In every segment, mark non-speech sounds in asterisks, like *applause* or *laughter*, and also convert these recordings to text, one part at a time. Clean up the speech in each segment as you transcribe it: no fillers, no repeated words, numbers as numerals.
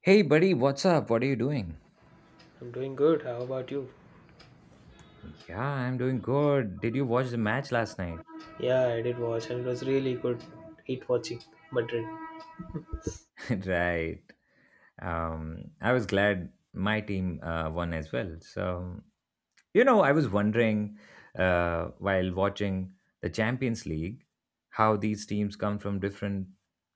Hey, buddy, what's up? What are you doing? I'm doing good. How about you? Yeah, I'm doing good. Did you watch the match last night? Yeah, I did watch and it was really good. Hate watching Madrid. *laughs* Right. I was glad my team won as well. So, you know, I was wondering while watching the Champions League how these teams come from different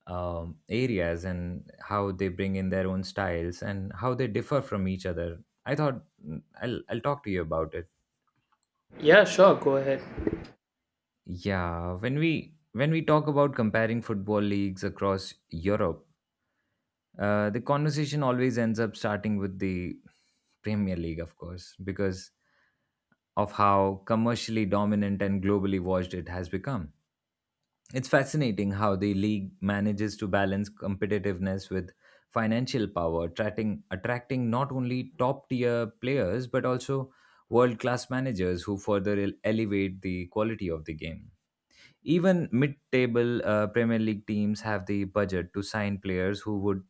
areas and how they bring in their own styles and how they differ from each other. I thought I'll talk to you about it. Yeah, sure. Go ahead. Yeah, when we talk about comparing football leagues across Europe, the conversation always ends up starting with the Premier League, of course, because of how commercially dominant and globally watched it has become. It's fascinating how the league manages to balance competitiveness with financial power, attracting not only top tier players but also world class managers who further elevate the quality of the game. Even mid-table Premier League teams have the budget to sign players who would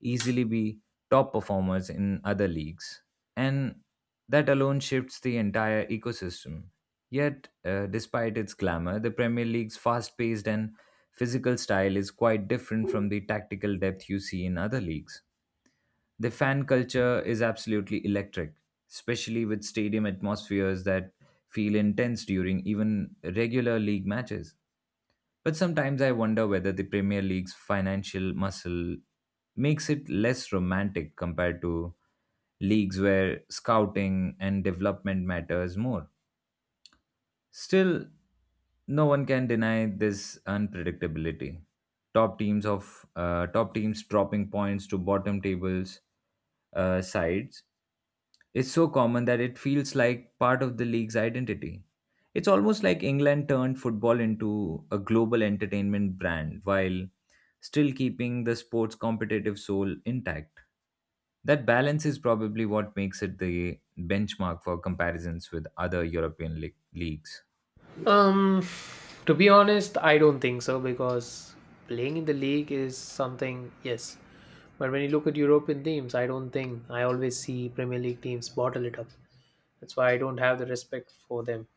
easily be top performers in other leagues, and that alone shifts the entire ecosystem. Yet, despite its glamour, the Premier League's fast-paced and physical style is quite different from the tactical depth you see in other leagues. The fan culture is absolutely electric, especially with stadium atmospheres that feel intense during even regular league matches. But sometimes I wonder whether the Premier League's financial muscle makes it less romantic compared to leagues where scouting and development matters more. Still, no one can deny this unpredictability. Top teams dropping points to bottom tables sides is so common that it feels like part of the league's identity. It's almost like England turned football into a global entertainment brand while still keeping the sport's competitive soul intact. That balance is probably what makes it the benchmark for comparisons with other European leagues. Um, to be honest, I don't think so because playing in the league is something, yes. But when you look at European teams, I don't think I always see Premier League teams bottle it up. That's why I don't have the respect for them.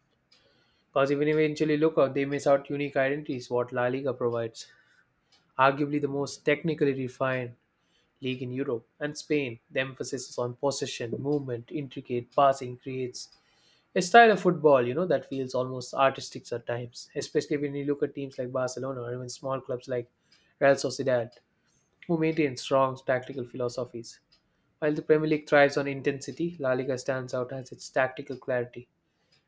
Because even eventually look out, they miss out unique identities what La Liga provides. Arguably the most technically refined league in Europe and Spain, the emphasis is on possession, movement, intricate passing creates a style of football, you know, that feels almost artistic at times, especially when you look at teams like Barcelona or even small clubs like Real Sociedad, who maintain strong tactical philosophies. While the Premier League thrives on intensity, La Liga stands out as its tactical clarity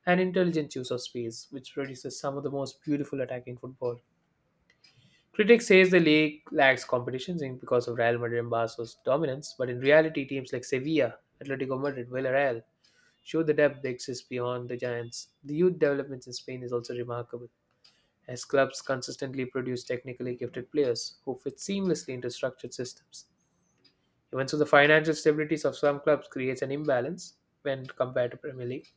and intelligent use of space, which produces some of the most beautiful attacking football. Critics say the league lacks competition because of Real Madrid and Barca's dominance, but in reality, teams like Sevilla, Atletico Madrid, Villarreal show the depth that exists beyond the giants. The youth developments in Spain is also remarkable, as clubs consistently produce technically gifted players who fit seamlessly into structured systems. Even so, the financial stabilities of some clubs creates an imbalance when compared to Premier League.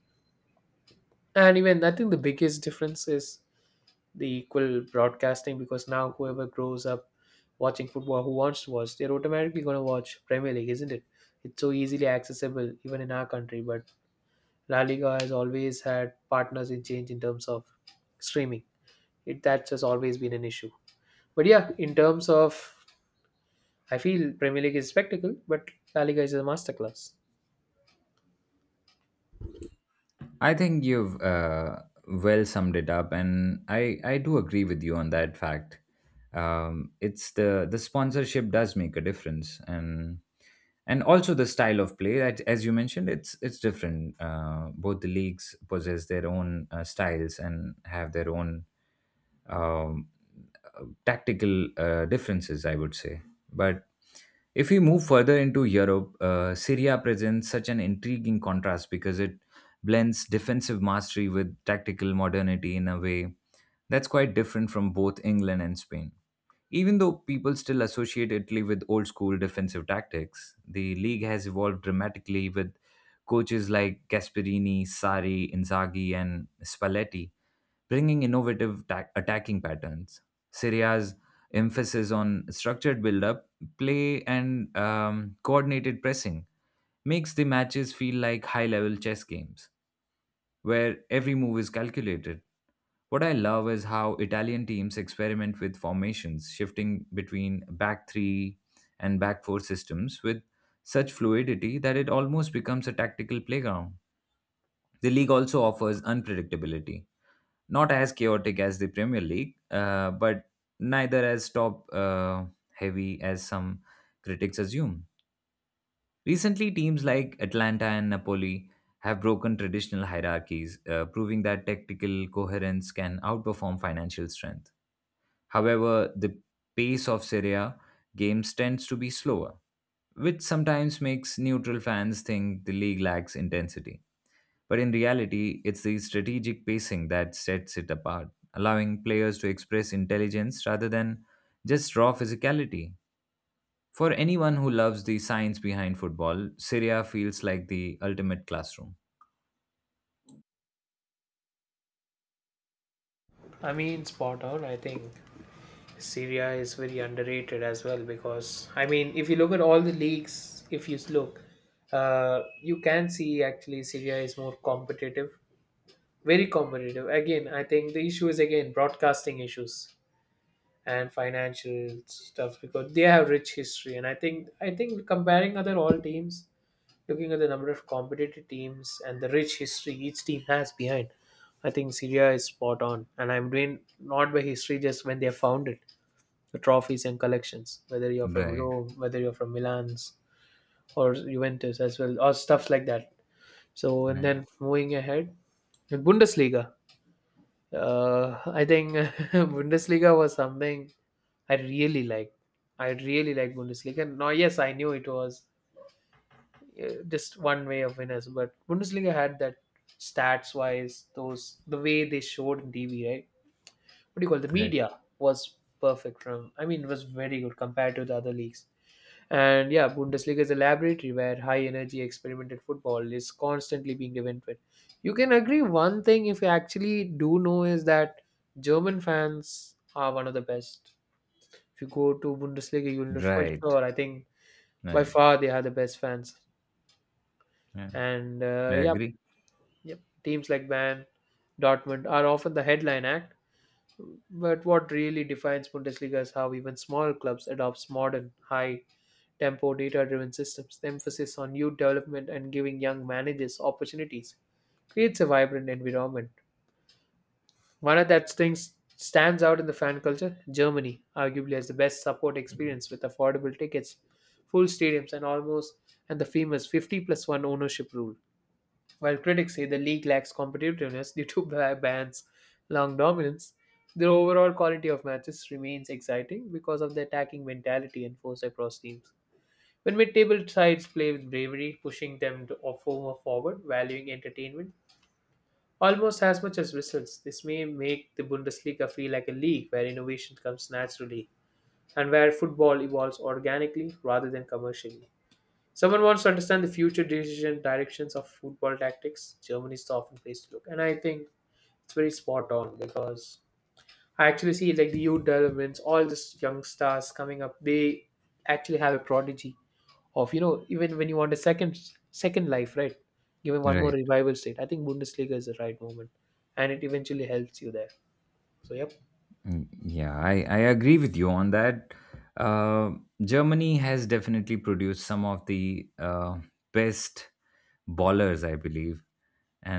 And even I think the biggest difference is the equal broadcasting, because now whoever grows up watching football who wants to watch, they're automatically going to watch Premier League, isn't it? It's so easily accessible even in our country, but La Liga has always had partners in change in terms of streaming. It, that's just always been an issue. But yeah, in terms of, I feel Premier League is spectacle but La Liga is a masterclass. I think you've well summed it up, and I do agree with you on that fact. It's the sponsorship does make a difference, and also the style of play that, as you mentioned, it's different. Both the leagues possess their own styles and have their own um, tactical differences, I would say. But if we move further into Europe, Syria presents such an intriguing contrast because it blends defensive mastery with tactical modernity in a way that's quite different from both England and Spain. Even though people still associate Italy with old school defensive tactics, the league has evolved dramatically with coaches like Gasperini, Sari, Inzaghi, and Spalletti bringing innovative attacking patterns. Syria's emphasis on structured build-up, play, and coordinated pressing makes the matches feel like high-level chess games, where every move is calculated. What I love is how Italian teams experiment with formations, shifting between back three and back four systems with such fluidity that it almost becomes a tactical playground. The league also offers unpredictability, not as chaotic as the Premier League, but neither as top heavy as some critics assume. Recently, teams like Atlanta and Napoli have broken traditional hierarchies, proving that tactical coherence can outperform financial strength. However, the pace of Serie A games tends to be slower, which sometimes makes neutral fans think the league lacks intensity. But in reality, it's the strategic pacing that sets it apart, allowing players to express intelligence rather than just raw physicality. For anyone who loves the science behind football, Syria feels like the ultimate classroom. I mean, spot on. I think Syria is very underrated as well, because I mean, if you look at all the leagues, if you look, you can see actually Syria is more competitive, very competitive. Again, I think the issue is again broadcasting issues and financial stuff because they have rich history, and I think comparing other all teams, looking at the number of competitive teams and the rich history each team has behind, I think Syria is spot on, and I'm doing not by history, just when they are founded, the trophies and collections, whether you're from Right, Rome, whether you're from Milan's or Juventus as well, or stuff like that. So, and right, then moving ahead, the Bundesliga. I think *laughs* Bundesliga was something I really liked. I really liked Bundesliga. Now, yes, I knew it was just one way of winners, but Bundesliga had that, stats wise, those, the way they showed in TV, right? What do you call it? The right, media was perfect from. I mean, it was very good compared to the other leagues. And yeah, Bundesliga is a laboratory where high energy experimental football is constantly being invented. You can agree one thing, if you actually do know, is that German fans are one of the best. If you go to Bundesliga, you'll know for right, sure. I think by right. far they are the best fans. Yeah, And I yeah, agree. yep, teams like Bayern, Dortmund are often the headline act. But what really defines Bundesliga is how even small clubs adopts modern, high tempo data-driven systems. The emphasis on youth development and giving young managers opportunities creates a vibrant environment. One of that things stands out in the fan culture. Germany arguably has the best support experience with affordable tickets, full stadiums, and almost, and the famous 50+1 ownership rule. While critics say the league lacks competitiveness *laughs* due to bans, long dominance, the overall quality of matches remains exciting because of the attacking mentality enforced across teams. When mid-table sides play with bravery, pushing them to or former forward, valuing entertainment almost as much as results, this may make the Bundesliga feel like a league where innovation comes naturally and where football evolves organically rather than commercially. Someone wants to understand the future decision directions of football tactics. Germany is the often place to look, and I think it's very spot on because I actually see like the youth developments, all these young stars coming up. They actually have a prodigy of, you know, even when you want a second life, right? Giving one more Right. revival state, I think Bundesliga is the right moment, and it eventually helps you there. So yep, Mm, yeah, I agree with you on that. Uh, Germany has definitely produced some of the best ballers, I believe.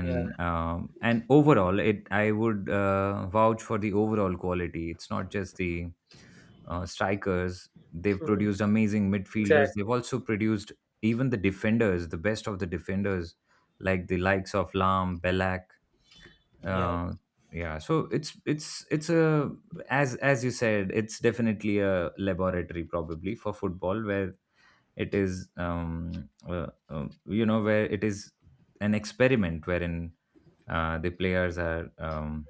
yeah. Overall, it I would vouch for the overall quality. It's not just the strikers they've Hmm. produced, amazing midfielders they've Exactly. also produced, even the defenders, the best of the defenders, like the likes of Lam, Belak, Yeah. uh, yeah. So it's a, as you said, it's definitely a laboratory probably for football, where it is, you know, where it is an experiment wherein the players are, um,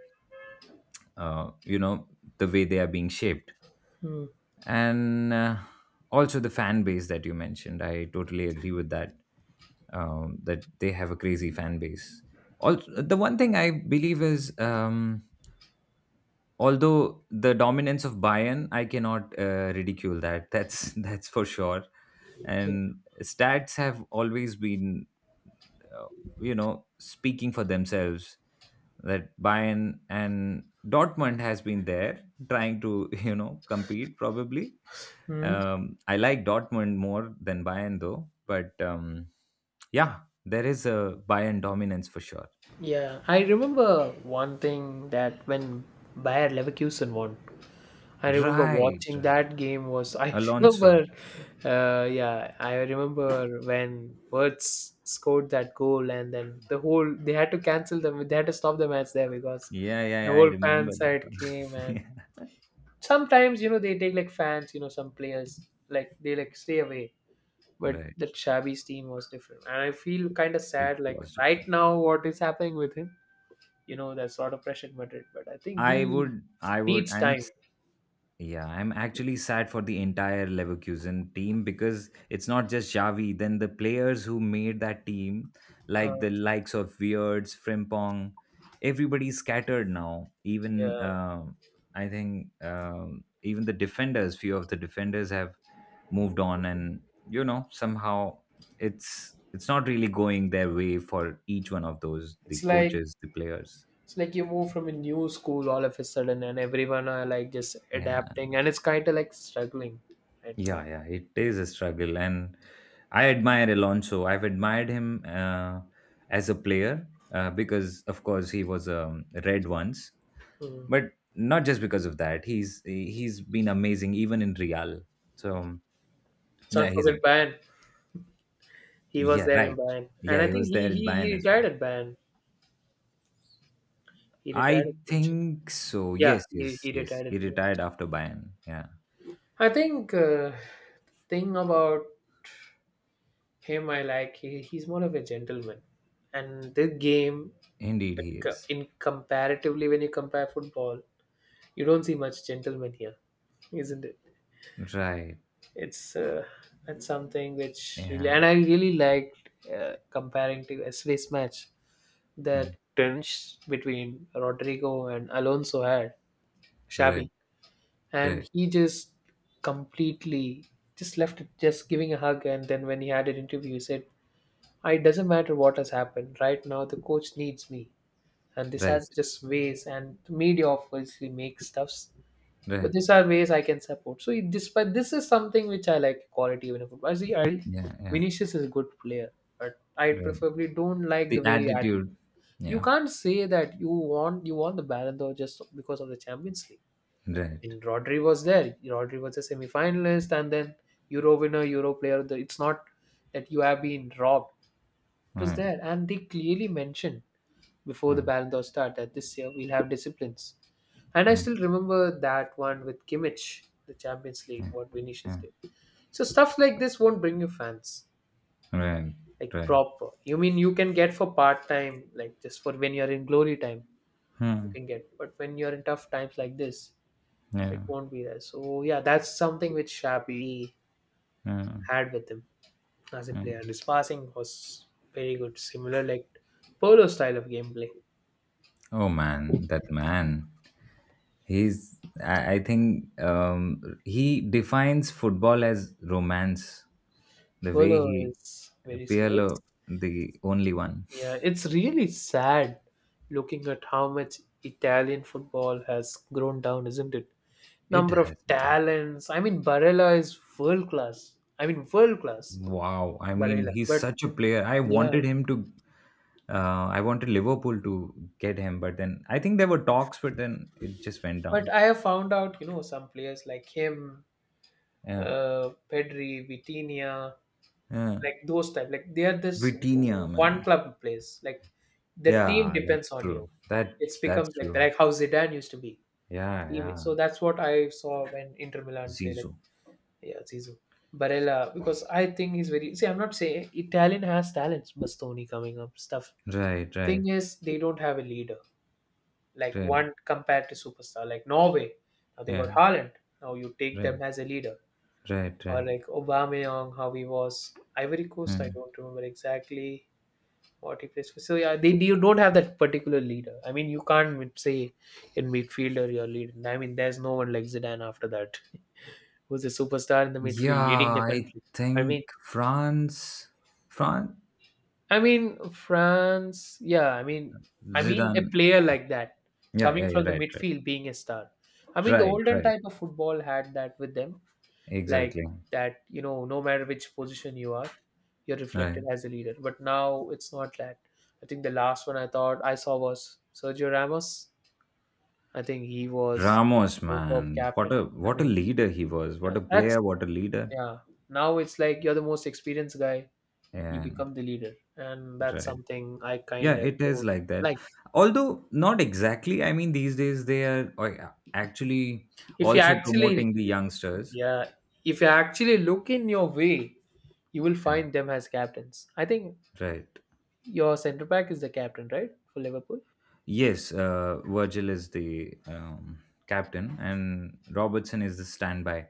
uh, you know, the way they are being shaped. Hmm. And also the fan base that you mentioned, I totally agree with that. That they have a crazy fan base. Also, the one thing I believe is, although the dominance of Bayern, I cannot ridicule that. That's *laughs* that's for sure. Yeah. And stats have always been, uh, you know, speaking for themselves, that Bayern and Dortmund has been there, trying to *laughs* you know, compete probably. Hmm. I like Dortmund more than Bayern, though, but yeah, there is a Bayern dominance for sure. Yeah. I remember one thing, that when Bayer Leverkusen won, I remember Right, watching that right. game was I *laughs* remember, Alonso. Yeah, I remember when Wirtz scored that goal, and then the whole, they had to cancel them, they had to stop the match there, because Yeah, yeah, the yeah. I whole fan remember that side came. And one. *laughs* sometimes you know they take like fans, you know, some players, like they like stay away. Yeah. But Right. the Shabby's team was different. And I feel kinda It sad like was right different. now what is happening with him. You know, there's a lot of pressure in Madrid, but I think I he would, I would. needs I'm time. Yeah, I'm actually sad for the entire Leverkusen team, because it's not just Xavi, then the players who made that team, Uh, like the likes of Weirds, Frimpong, everybody's scattered now. yeah. Even I think even the defenders, few of the defenders have moved on, and you know somehow it's not really going their way, for each one of those, the It's like, coaches, the players. it's like you move from a new school all of a sudden, and everyone are like just Yeah. adapting, and it's kind of like struggling right now. Yeah, yeah, it is a struggle, and I admire Alonso. I've admired him, as a player, because, of course, he was, red once, Mm. but not just because of that. He's been amazing even in Real. So yeah, Don't he's a, forget Bayern. He was yeah, there right. in Bayern, and Yeah, I he think was he there in he, Bayern he as retired well. at Bayern. He retired at I Munchen. think so. Yeah, Yes, he, yes, he yes. retired He at retired Munich. after Bayern. Yeah, I think thing about him, I like he's more of a gentleman, and this game, indeed, he is. in comparatively when you compare football, you don't see much gentleman here, isn't it? Right. it's uh, it's something which really, Yeah. and I really liked comparing to yesterday's match, uh, that tension between Rodrigo and Alonso had Right. Shabby, Right. and he just completely just left it, just giving a hug. And then when he had an interview he said it doesn't matter what has happened right now, the coach needs me, and this has Right. just ways, and media obviously makes stuffs, but Right. these are ways I can support. This, but this is something which I like quality even in football. See, I Yeah. Yeah. Vinicius is a good player, but I Right. preferably don't like the The way he acted. attitude. You Yeah. can't say that you won the Ballon d'Or just because of the Champions League. Right. And Rodri was there. Rodri was a semi-finalist and then Euro winner, Euro player. It's not that you have been robbed. It was Right. there, and they clearly mentioned before the Mm, Ballon d'Or started this year, we'll have disciplines. And I mm, still remember that one with Kimmich, the Champions League, mm, what Vinicius mm. did. So stuff like this won't bring you fans, Right. like Right. proper. You mean you can get for part time, like just for when you're in glory time, you Hmm. can get. But when you're in tough times like this, it Yeah. won't be there. So yeah, that's something which Shabby Mm, had with him as a mm. player. And his passing was very good, similar like Polo's style of gameplay. Oh man, that man. He's. I think he defines football as romance. The way Polo he, is very skilled. It's Pirlo, the only one. Yeah, it's really sad looking at how much Italian football has grown down, isn't it? It Number of has. It has. talents. I mean, Barella is world class. I mean, world class, Wow. I mean, Barella. he's But such a player. I yeah, wanted him to, I wanted Liverpool to get him, but then I think there were talks, but then it just went but down. I have found out, you know, some players like him, Yeah. Pedri, Vitinha, Yeah. like those type. Like they are this Vitinha, one man. club players. Like the team Yeah, depends that's on you. true. It's That's becomes like true. like how Zidane used to be, Yeah, teammate. yeah. So that's what I saw when Inter Milan play like, Zizou. yeah, Zizou, Barella, because I think he's very, see I'm not saying Italian has talents, Bastoni coming up stuff. Right, right, Thing is they don't have a leader, like right. one compared to superstar like Norway, now they got Yeah, Haaland, now you take right, them as a leader. right, Or right. like Aubameyang, how he was Ivory Coast, I Hmm. don't remember exactly what he plays for. So yeah, they, you don't have that particular leader. I mean you can't say in midfielder your leader. I mean there's no one like Zidane after that who's a superstar in the midfield leading Yeah, the I country. I mean, think France, France, I mean France. Yeah, I mean a Zidane. player like that Yeah, coming yeah, yeah. from the Right, right, midfield being a star. I mean, the right, olden right. type of football had that with them, like Exactly. that. You know, no matter which position you are, you're Right. reflected as a leader. But now it's not that. I think the last one I thought I saw was Sergio Ramos. I think he was Ramos, superb man, captain. I what a mean, leader he was. What yeah, a that's, player, what a leader. yeah. Now it's like you're the most experienced guy, you Yeah, become the leader, and that's right. something I kind Yeah, of it is don't like that. like. Although not exactly. I mean, these days they are actually If you also actually promoting the youngsters. Yeah, if you actually look in your way, you will Yeah, find them as captains, I think. right. Your center back is the captain, right, for Liverpool? Yes, Virgil is the captain, and Robertson is the standby.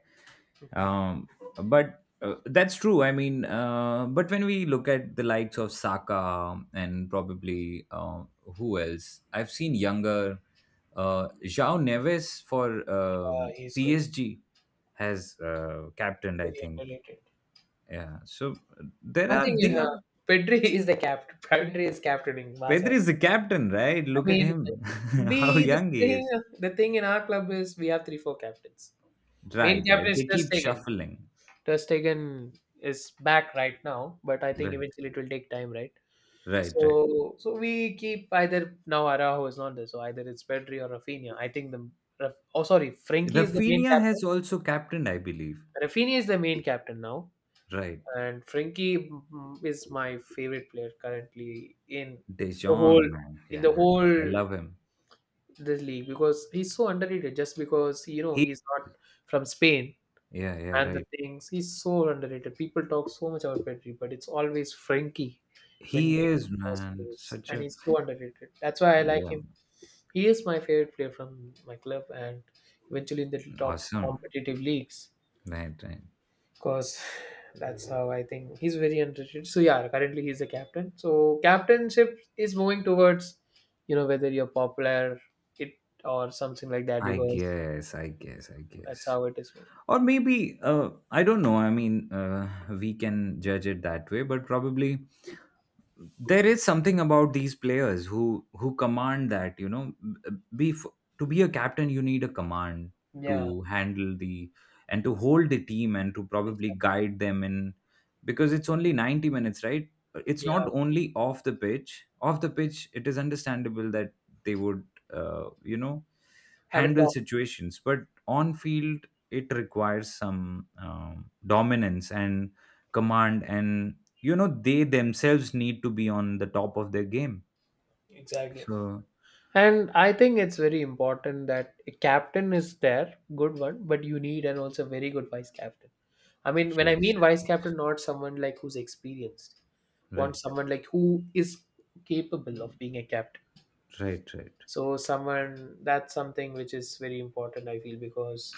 Mhm. Um, but that's true. I mean, but when we look at the likes of Saka and probably, who else, I've seen younger João Neves for Yeah, he's good. PSG has captained, I Very think. underrated. Yeah. So there, I are think they are, Pedri *laughs* is the captain. Pedri is captaining Barca. Pedri is the captain, right? I Look at mean, him, *laughs* we how the young he thing is. the thing in our club is we have three four captains. Main Right, captain right. is They just keep taken, shuffling. Ter Stegen is back right now, but I think Right, eventually it will take time, right? right, right. So we keep, either now Araujo is not there, so either it's Pedri or Rafinha. I think oh, sorry, Frankie is the main Rafinha captain. has also captained, I believe. Rafinha is the main captain now, Right. and Frankie is my favorite player currently De the whole Jong, man. in the Yeah, I whole love him. this league because he's so underrated. Just because, you know, He, he's not from Spain, yeah, yeah, and the right. things. He's so underrated. People talk so much about Petri, but it's always Frankie when He needed is, the most man, plays, such and a, he's so underrated. That's why I like yeah, him. He is my favorite player from my club, and eventually in the top awesome. competitive leagues. Right, right. Because that's how I think, he's very underrated. So yeah, currently he's the captain. So captainship is moving towards, you know, whether you're popular, it or something like that. I Because guess, I guess, I that's guess. how it is moving. Or maybe, I don't know. I mean, we can judge it that way, but probably there is something about these players who command that, you know, be to be a captain, you need a command Yeah, to handle the and to hold the team and to probably exactly. guide them in, because it's only 90 minutes, right? It's not Yeah, only off the pitch. It is understandable that they would, you know, I would handle talk. situations, but on field it requires some dominance and command, and you know they themselves need to be on the top of their game. Exactly. So And I think it's very important that a captain is there, good one, but you need and also very good vice captain. I mean, when I yes, mean vice yes. captain, not someone like who's experienced, want Right, someone like who is capable of being a captain. right, right, So someone, that's something which is very important, I feel, because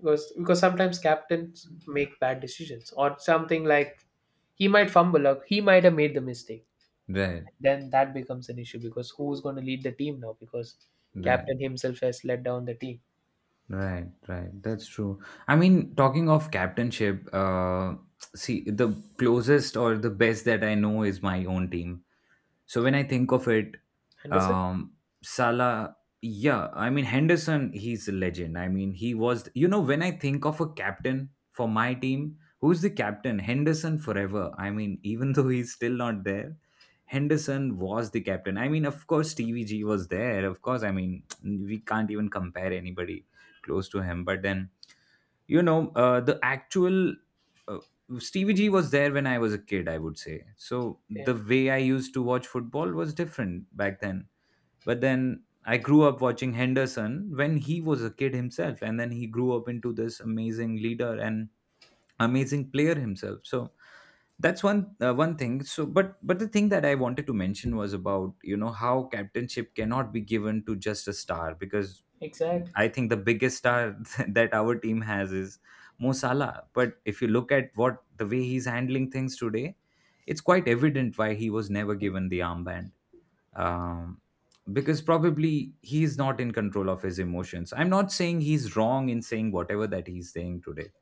because sometimes captains make bad decisions or something, like, he might fumble or he might have made the mistake, right, then that becomes an issue because who's going to lead the team now, because right, captain himself has let down the team. right, right, that's true. I mean, talking of captainship, see the closest or the best that I know is my own team. So when I think of it, Anderson. um, Salah, yeah, I mean Henderson, he's a legend. I mean he was, you know, when I think of a captain for my team, who's the captain? Henderson forever. I mean, *laughs* even though he's still not there, Henderson was the captain. I mean, of course, TVG was there. Of course, I mean *tsk* we can't even compare anybody close to him. But then, you know, the actual, uh, Stevie G was there when I was a kid, I would say. So the Okay. way I used to watch football was different back then. But then I grew up watching Henderson when he was a kid himself, and then he grew up into this amazing leader and amazing player himself. So that's one thing, but the thing that I wanted to mention was about how captainship cannot be given to just a star, because Exactly. I think the biggest star *laughs* that our team has is Mo Salah. But if you look at what the way he's handling things today, it's quite evident why he was never given the armband, um, because probably he's not in control of his emotions. I'm not saying he's wrong in saying whatever that he's saying today.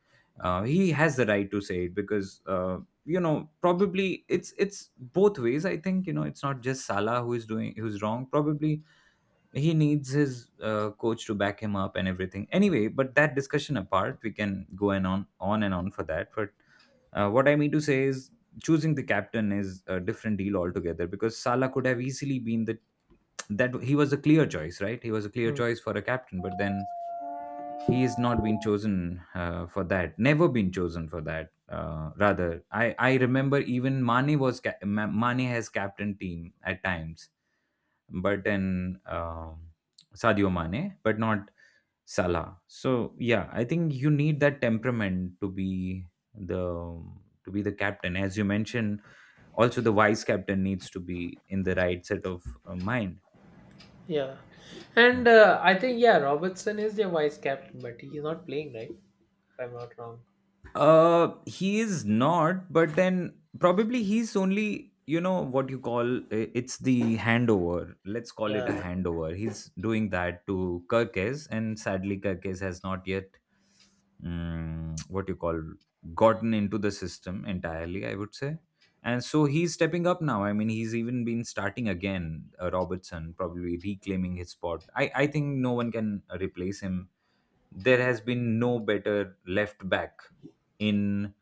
He has the right to say it because probably it's both ways. I think, it's not just Salah who is doing who's wrong. Probably he needs his coach to back him up and everything. Anyway, but that discussion apart, we can go and on and on for that. But what I mean to say is, choosing the captain is a different deal altogether because Salah could have easily been the that he was a clear choice, right? He was a clear Hmm. choice for a captain, but then he is not been chosen for that. Never been chosen for that. Rather, I remember even Mane was ca- Ma- Mane has captain team at times, but then Sadio Mane, but not Salah. So yeah, I think you need that temperament to be the the captain, as you mentioned. Also, the vice captain needs to be in the right set of mind. Yeah, and I think, yeah, Robertson is their vice captain, but he's not playing right, if I'm not wrong. He is not, but then probably he's only, what you call it's the handover. Let's call Yeah, it a handover. He's doing that to Kirkes, and sadly, Kirkes has not yet, what you call, gotten into the system entirely, I would say. And so he's stepping up now. I mean, he's even been starting again, Robertson, probably reclaiming his spot. I think no one can replace him. There has been no better left back in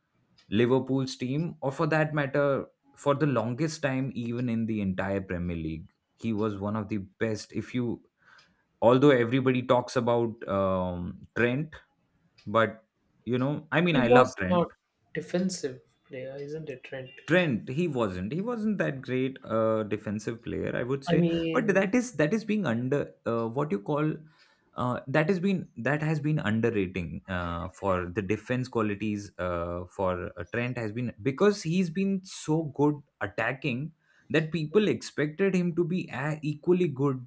Liverpool's team, or for that matter, for the longest time, even in the entire Premier League. He was one of the best. If you, although everybody talks about Trent, but I mean, he I love was not defensive player, isn't it, Trent? Trent, he wasn't. He wasn't that great defensive player, I would I say. But mean, that is being under what you call that has been underrating for the defense qualities for Trent has been because he's been so good attacking that people expected him to be equally good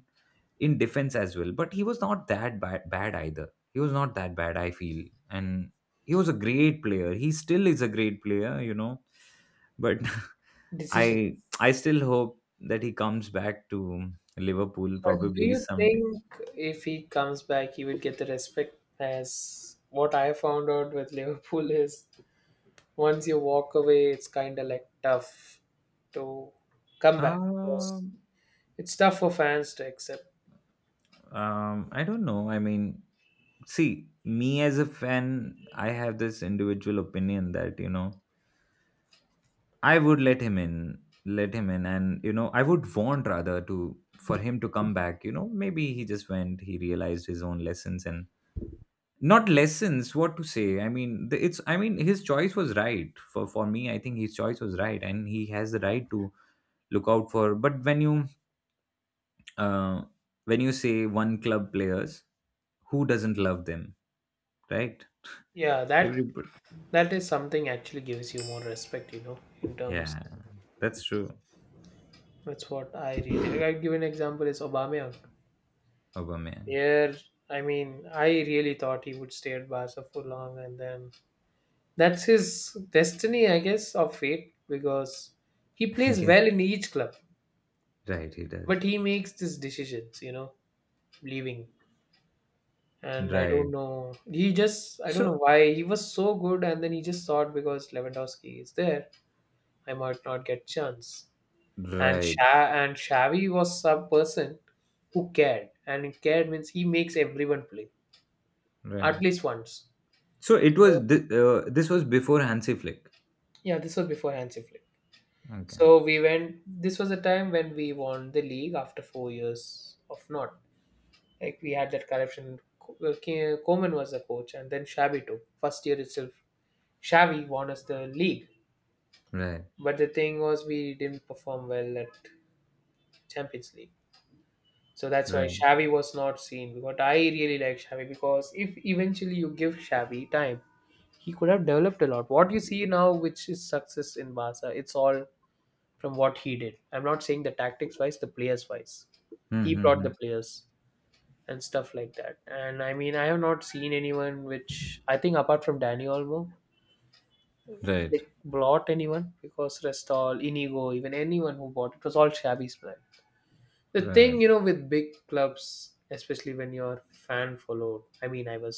in defense as well. But he was not bad either. He was not that bad, I feel, and he was a great player. He still is a great player, but decision. I still hope that he comes back to Liverpool But do probably you someday. think if he comes back, he will get the respect? As what I found out with Liverpool is, once you walk away, it's kind of like tough to come back, because Um, it's tough for fans to accept. I don't know. I mean, see, me as a fan, I have this individual opinion that, I would let him in, and, I would want rather to for him to come back. You know, maybe he just went, he realized his own lessons and not lessons what to say. I mean, his choice was right. For me I think his choice was right, and he has the right to look out for. But uh, when you say one club players, who doesn't love them, right? Yeah, that, Everybody. that is something actually gives you more respect, you know, in terms. Yeah, that's true. That's what I really like. I give an example is Aubameyang. Aubameyang. Here, I mean, I really thought he would stay at Barca for long, and then that's his destiny, I guess, or fate, because he *laughs* plays Yeah, well in each club, right, he does. but he makes these decisions, you know, leaving, and I don't Right. know. He just, I don't know So, why he was so good, and then he just thought, because Lewandowski is there, I might not get chance. And right, Sha and Xavi was some person who cared, and cared means he makes everyone play at right. least once. So it was So, this was before Hansi Flick. yeah, this was before Hansi Flick. Okay. So we went. This was a time when we won the league after 4 years of not. Like we had that corruption. Koeman was the coach, and then Xavi took first year itself. Xavi won us the league. Right. But the thing was, we didn't perform well at Champions League. So that's why Right. Xavi was not seen. But I really like Xavi, because if eventually you give Xavi time, he could have developed a lot. What you see now, which is success in Barca, it's all from what he did. I'm not saying the tactics wise, the players wise. He brought the Mm-hmm. players and stuff like that. And I mean, I have not seen anyone which I think apart from Danny Olmo, Right. like brought anyone, because rest all Inigo, even anyone who bought it was all Xavi's plan. The thing, Right. you know, with big clubs, especially when you're fan followed, I mean, I was,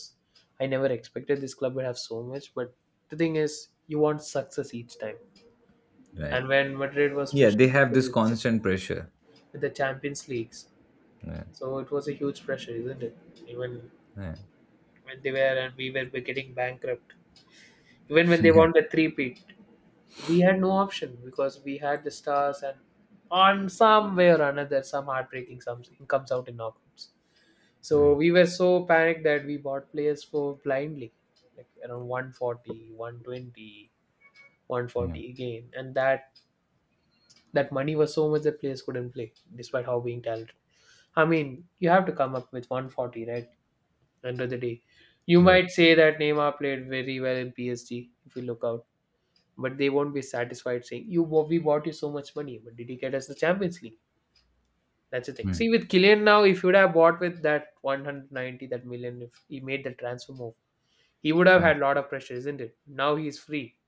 I never expected this club would have so much, but the thing is, you want success each time. Right. And when Madrid was Yeah, they pushing have with this the constant pressure. with the champions leagues, Yeah. so it was a huge pressure, isn't it, even Yeah. when they were and we were getting bankrupt, even *laughs* when they Yeah. won the three peat, we had no option because we had the stars and, on some way or another, some heartbreaking, some comes out in knockouts. So Yeah, we were so panicked that we bought players for blindly, like around 140, 120, one yeah. forty again, and that money was so much that players couldn't play despite how being talented. I mean, you have to come up with 140, right? End of the day, you Right. might say that Neymar played very well in PSG if you look out, but they won't be satisfied saying, you, we bought you so much money, but did you get us the Champions League? That's the thing. Mm. See, with Killian now, if you would have bought with that 190, that million, if he made the transfer move, he would have Right. had a lot of pressure, isn't it? Now he's free,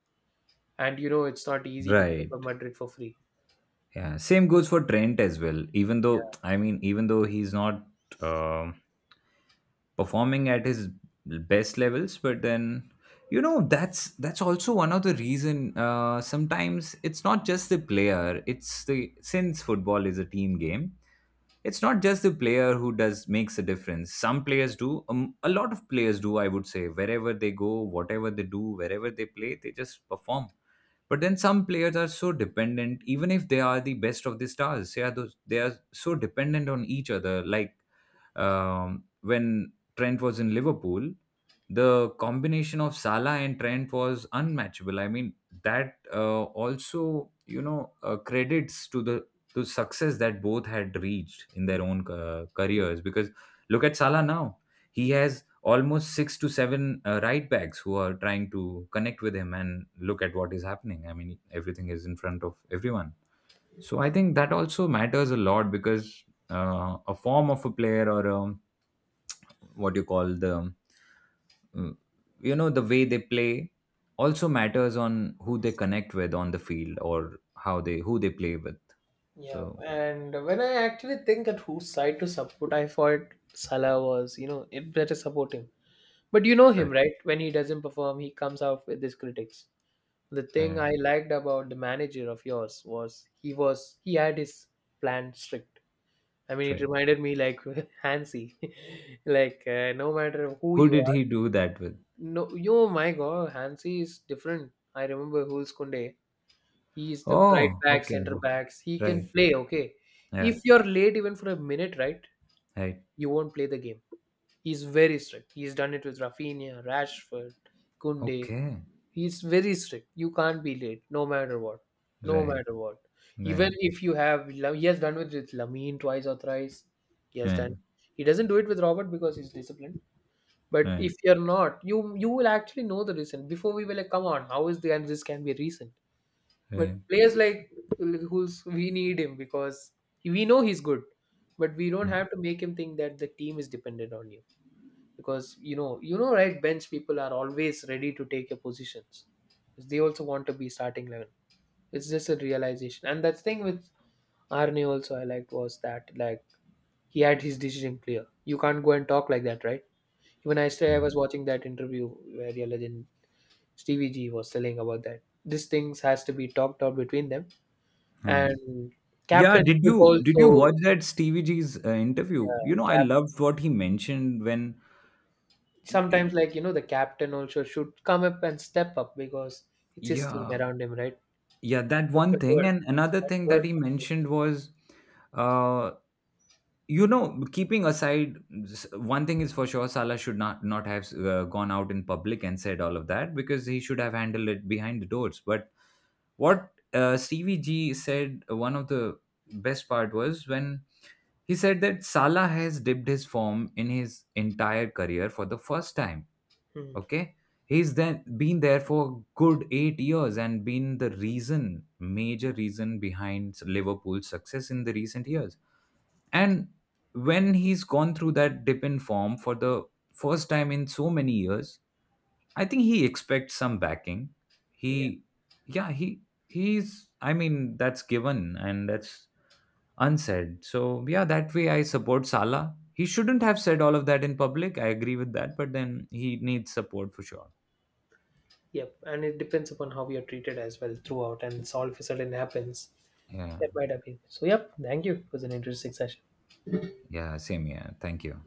and you know it's not easy to play for Right. Madrid for free. Yeah, same goes for Trent as well. Even though, Yeah, I mean, even though he's not uh, performing at his best levels, but then that's also one of the reason. Sometimes it's not just the player; it's the, since football is a team game, it's not just the player who does makes a difference. Some players do, a lot of players do, I would say, wherever they go, whatever they do, wherever they play, they just perform. But then some players are so dependent, even if they are the best of the stars they are, they are so dependent on each other. Like when Trent was in Liverpool, the combination of Salah and Trent was unmatchable. I mean, that also, credits to the success that both had reached in their own I get- careers. Because look at Salah now, he has almost six to seven right backs who are trying to connect with him, and look at what is happening. I mean, everything is in front of everyone. So I think that also matters a lot because a form of a player or a, what you call the, mm, you know, the way they play also matters on who they connect with on the field, or how they who they play with. yeah. So And when I actually think at whose side to support, I thought Salah was, you know, it better support him. But you know him, right? When he doesn't perform, he comes out with his critics. The thing right, I liked about the manager of yours was, he had his plan strict. I mean, it right, right. reminded me like *laughs* Hansi, *laughs* like, no matter who Who you. did he do that with? No, yo, my God, Hansi is different. I remember Jules Kunde. He is the right Oh, back, okay. center backs. He can Right. play. Okay, if Yeah. you're late even for a minute, right, Right. you won't play the game. He's very strict. He's done it with Rafinha, Rashford, Kunde. Okay. He's very strict. You can't be late, no matter what. No Right. matter what. Right. Even if you have, he has done it with Lamine twice or thrice. He has Right. done. He doesn't do it with Robert because he's disciplined. But Right. if you're not, you will actually know the reason. Before we were like, come on, how is the, and this can be recent? But Right. players like, who's, we need him because we know he's good, but we don't Right. have to make him think that the team is dependent on you, because you know, right, bench people are always ready to take your positions. They also want to be starting 11. It's just a realization, and that thing with Arne also I liked was that, like, he had his decision clear. You can't go and talk like that, right? Even yesterday, I Right. was watching that interview where your legend Stevie G was telling about that. These things has to be talked out between them, Yeah. and Yeah. captain Did should you did you also, watch that Stevie G's interview? yeah, You know, I cap. loved what he mentioned when. Sometimes, like, you know, the captain also should come up and step up, because it's his team Yeah. around him, right? Yeah. That Just one a thing, word, and just another one thing word that he can change. mentioned was, uh, you know, keeping aside, one thing is for sure, Salah should not have gone out in public and said all of that. Because he should have handled it behind the doors. But what Stevie G said, one of the best part was when he said that Salah has dipped his form in his entire career for the first time. Hmm. Okay, he's then been there for a good 8 years and been the reason, major reason behind Liverpool's success in the recent years. And when he's gone through that dip in form for the first time in so many years, I think he expects some backing. Yeah. He, yeah, he's, I mean, that's given and that's unsaid. So yeah, that way I support Salah. He shouldn't have said all of that in public. I agree with that, but then he needs support for sure. Yep. And it depends upon how we are treated as well throughout, and it's all of a sudden happens. Yeah, That might have been. So, yep. Thank you. It was an interesting session. yeah, same. Yeah, thank you.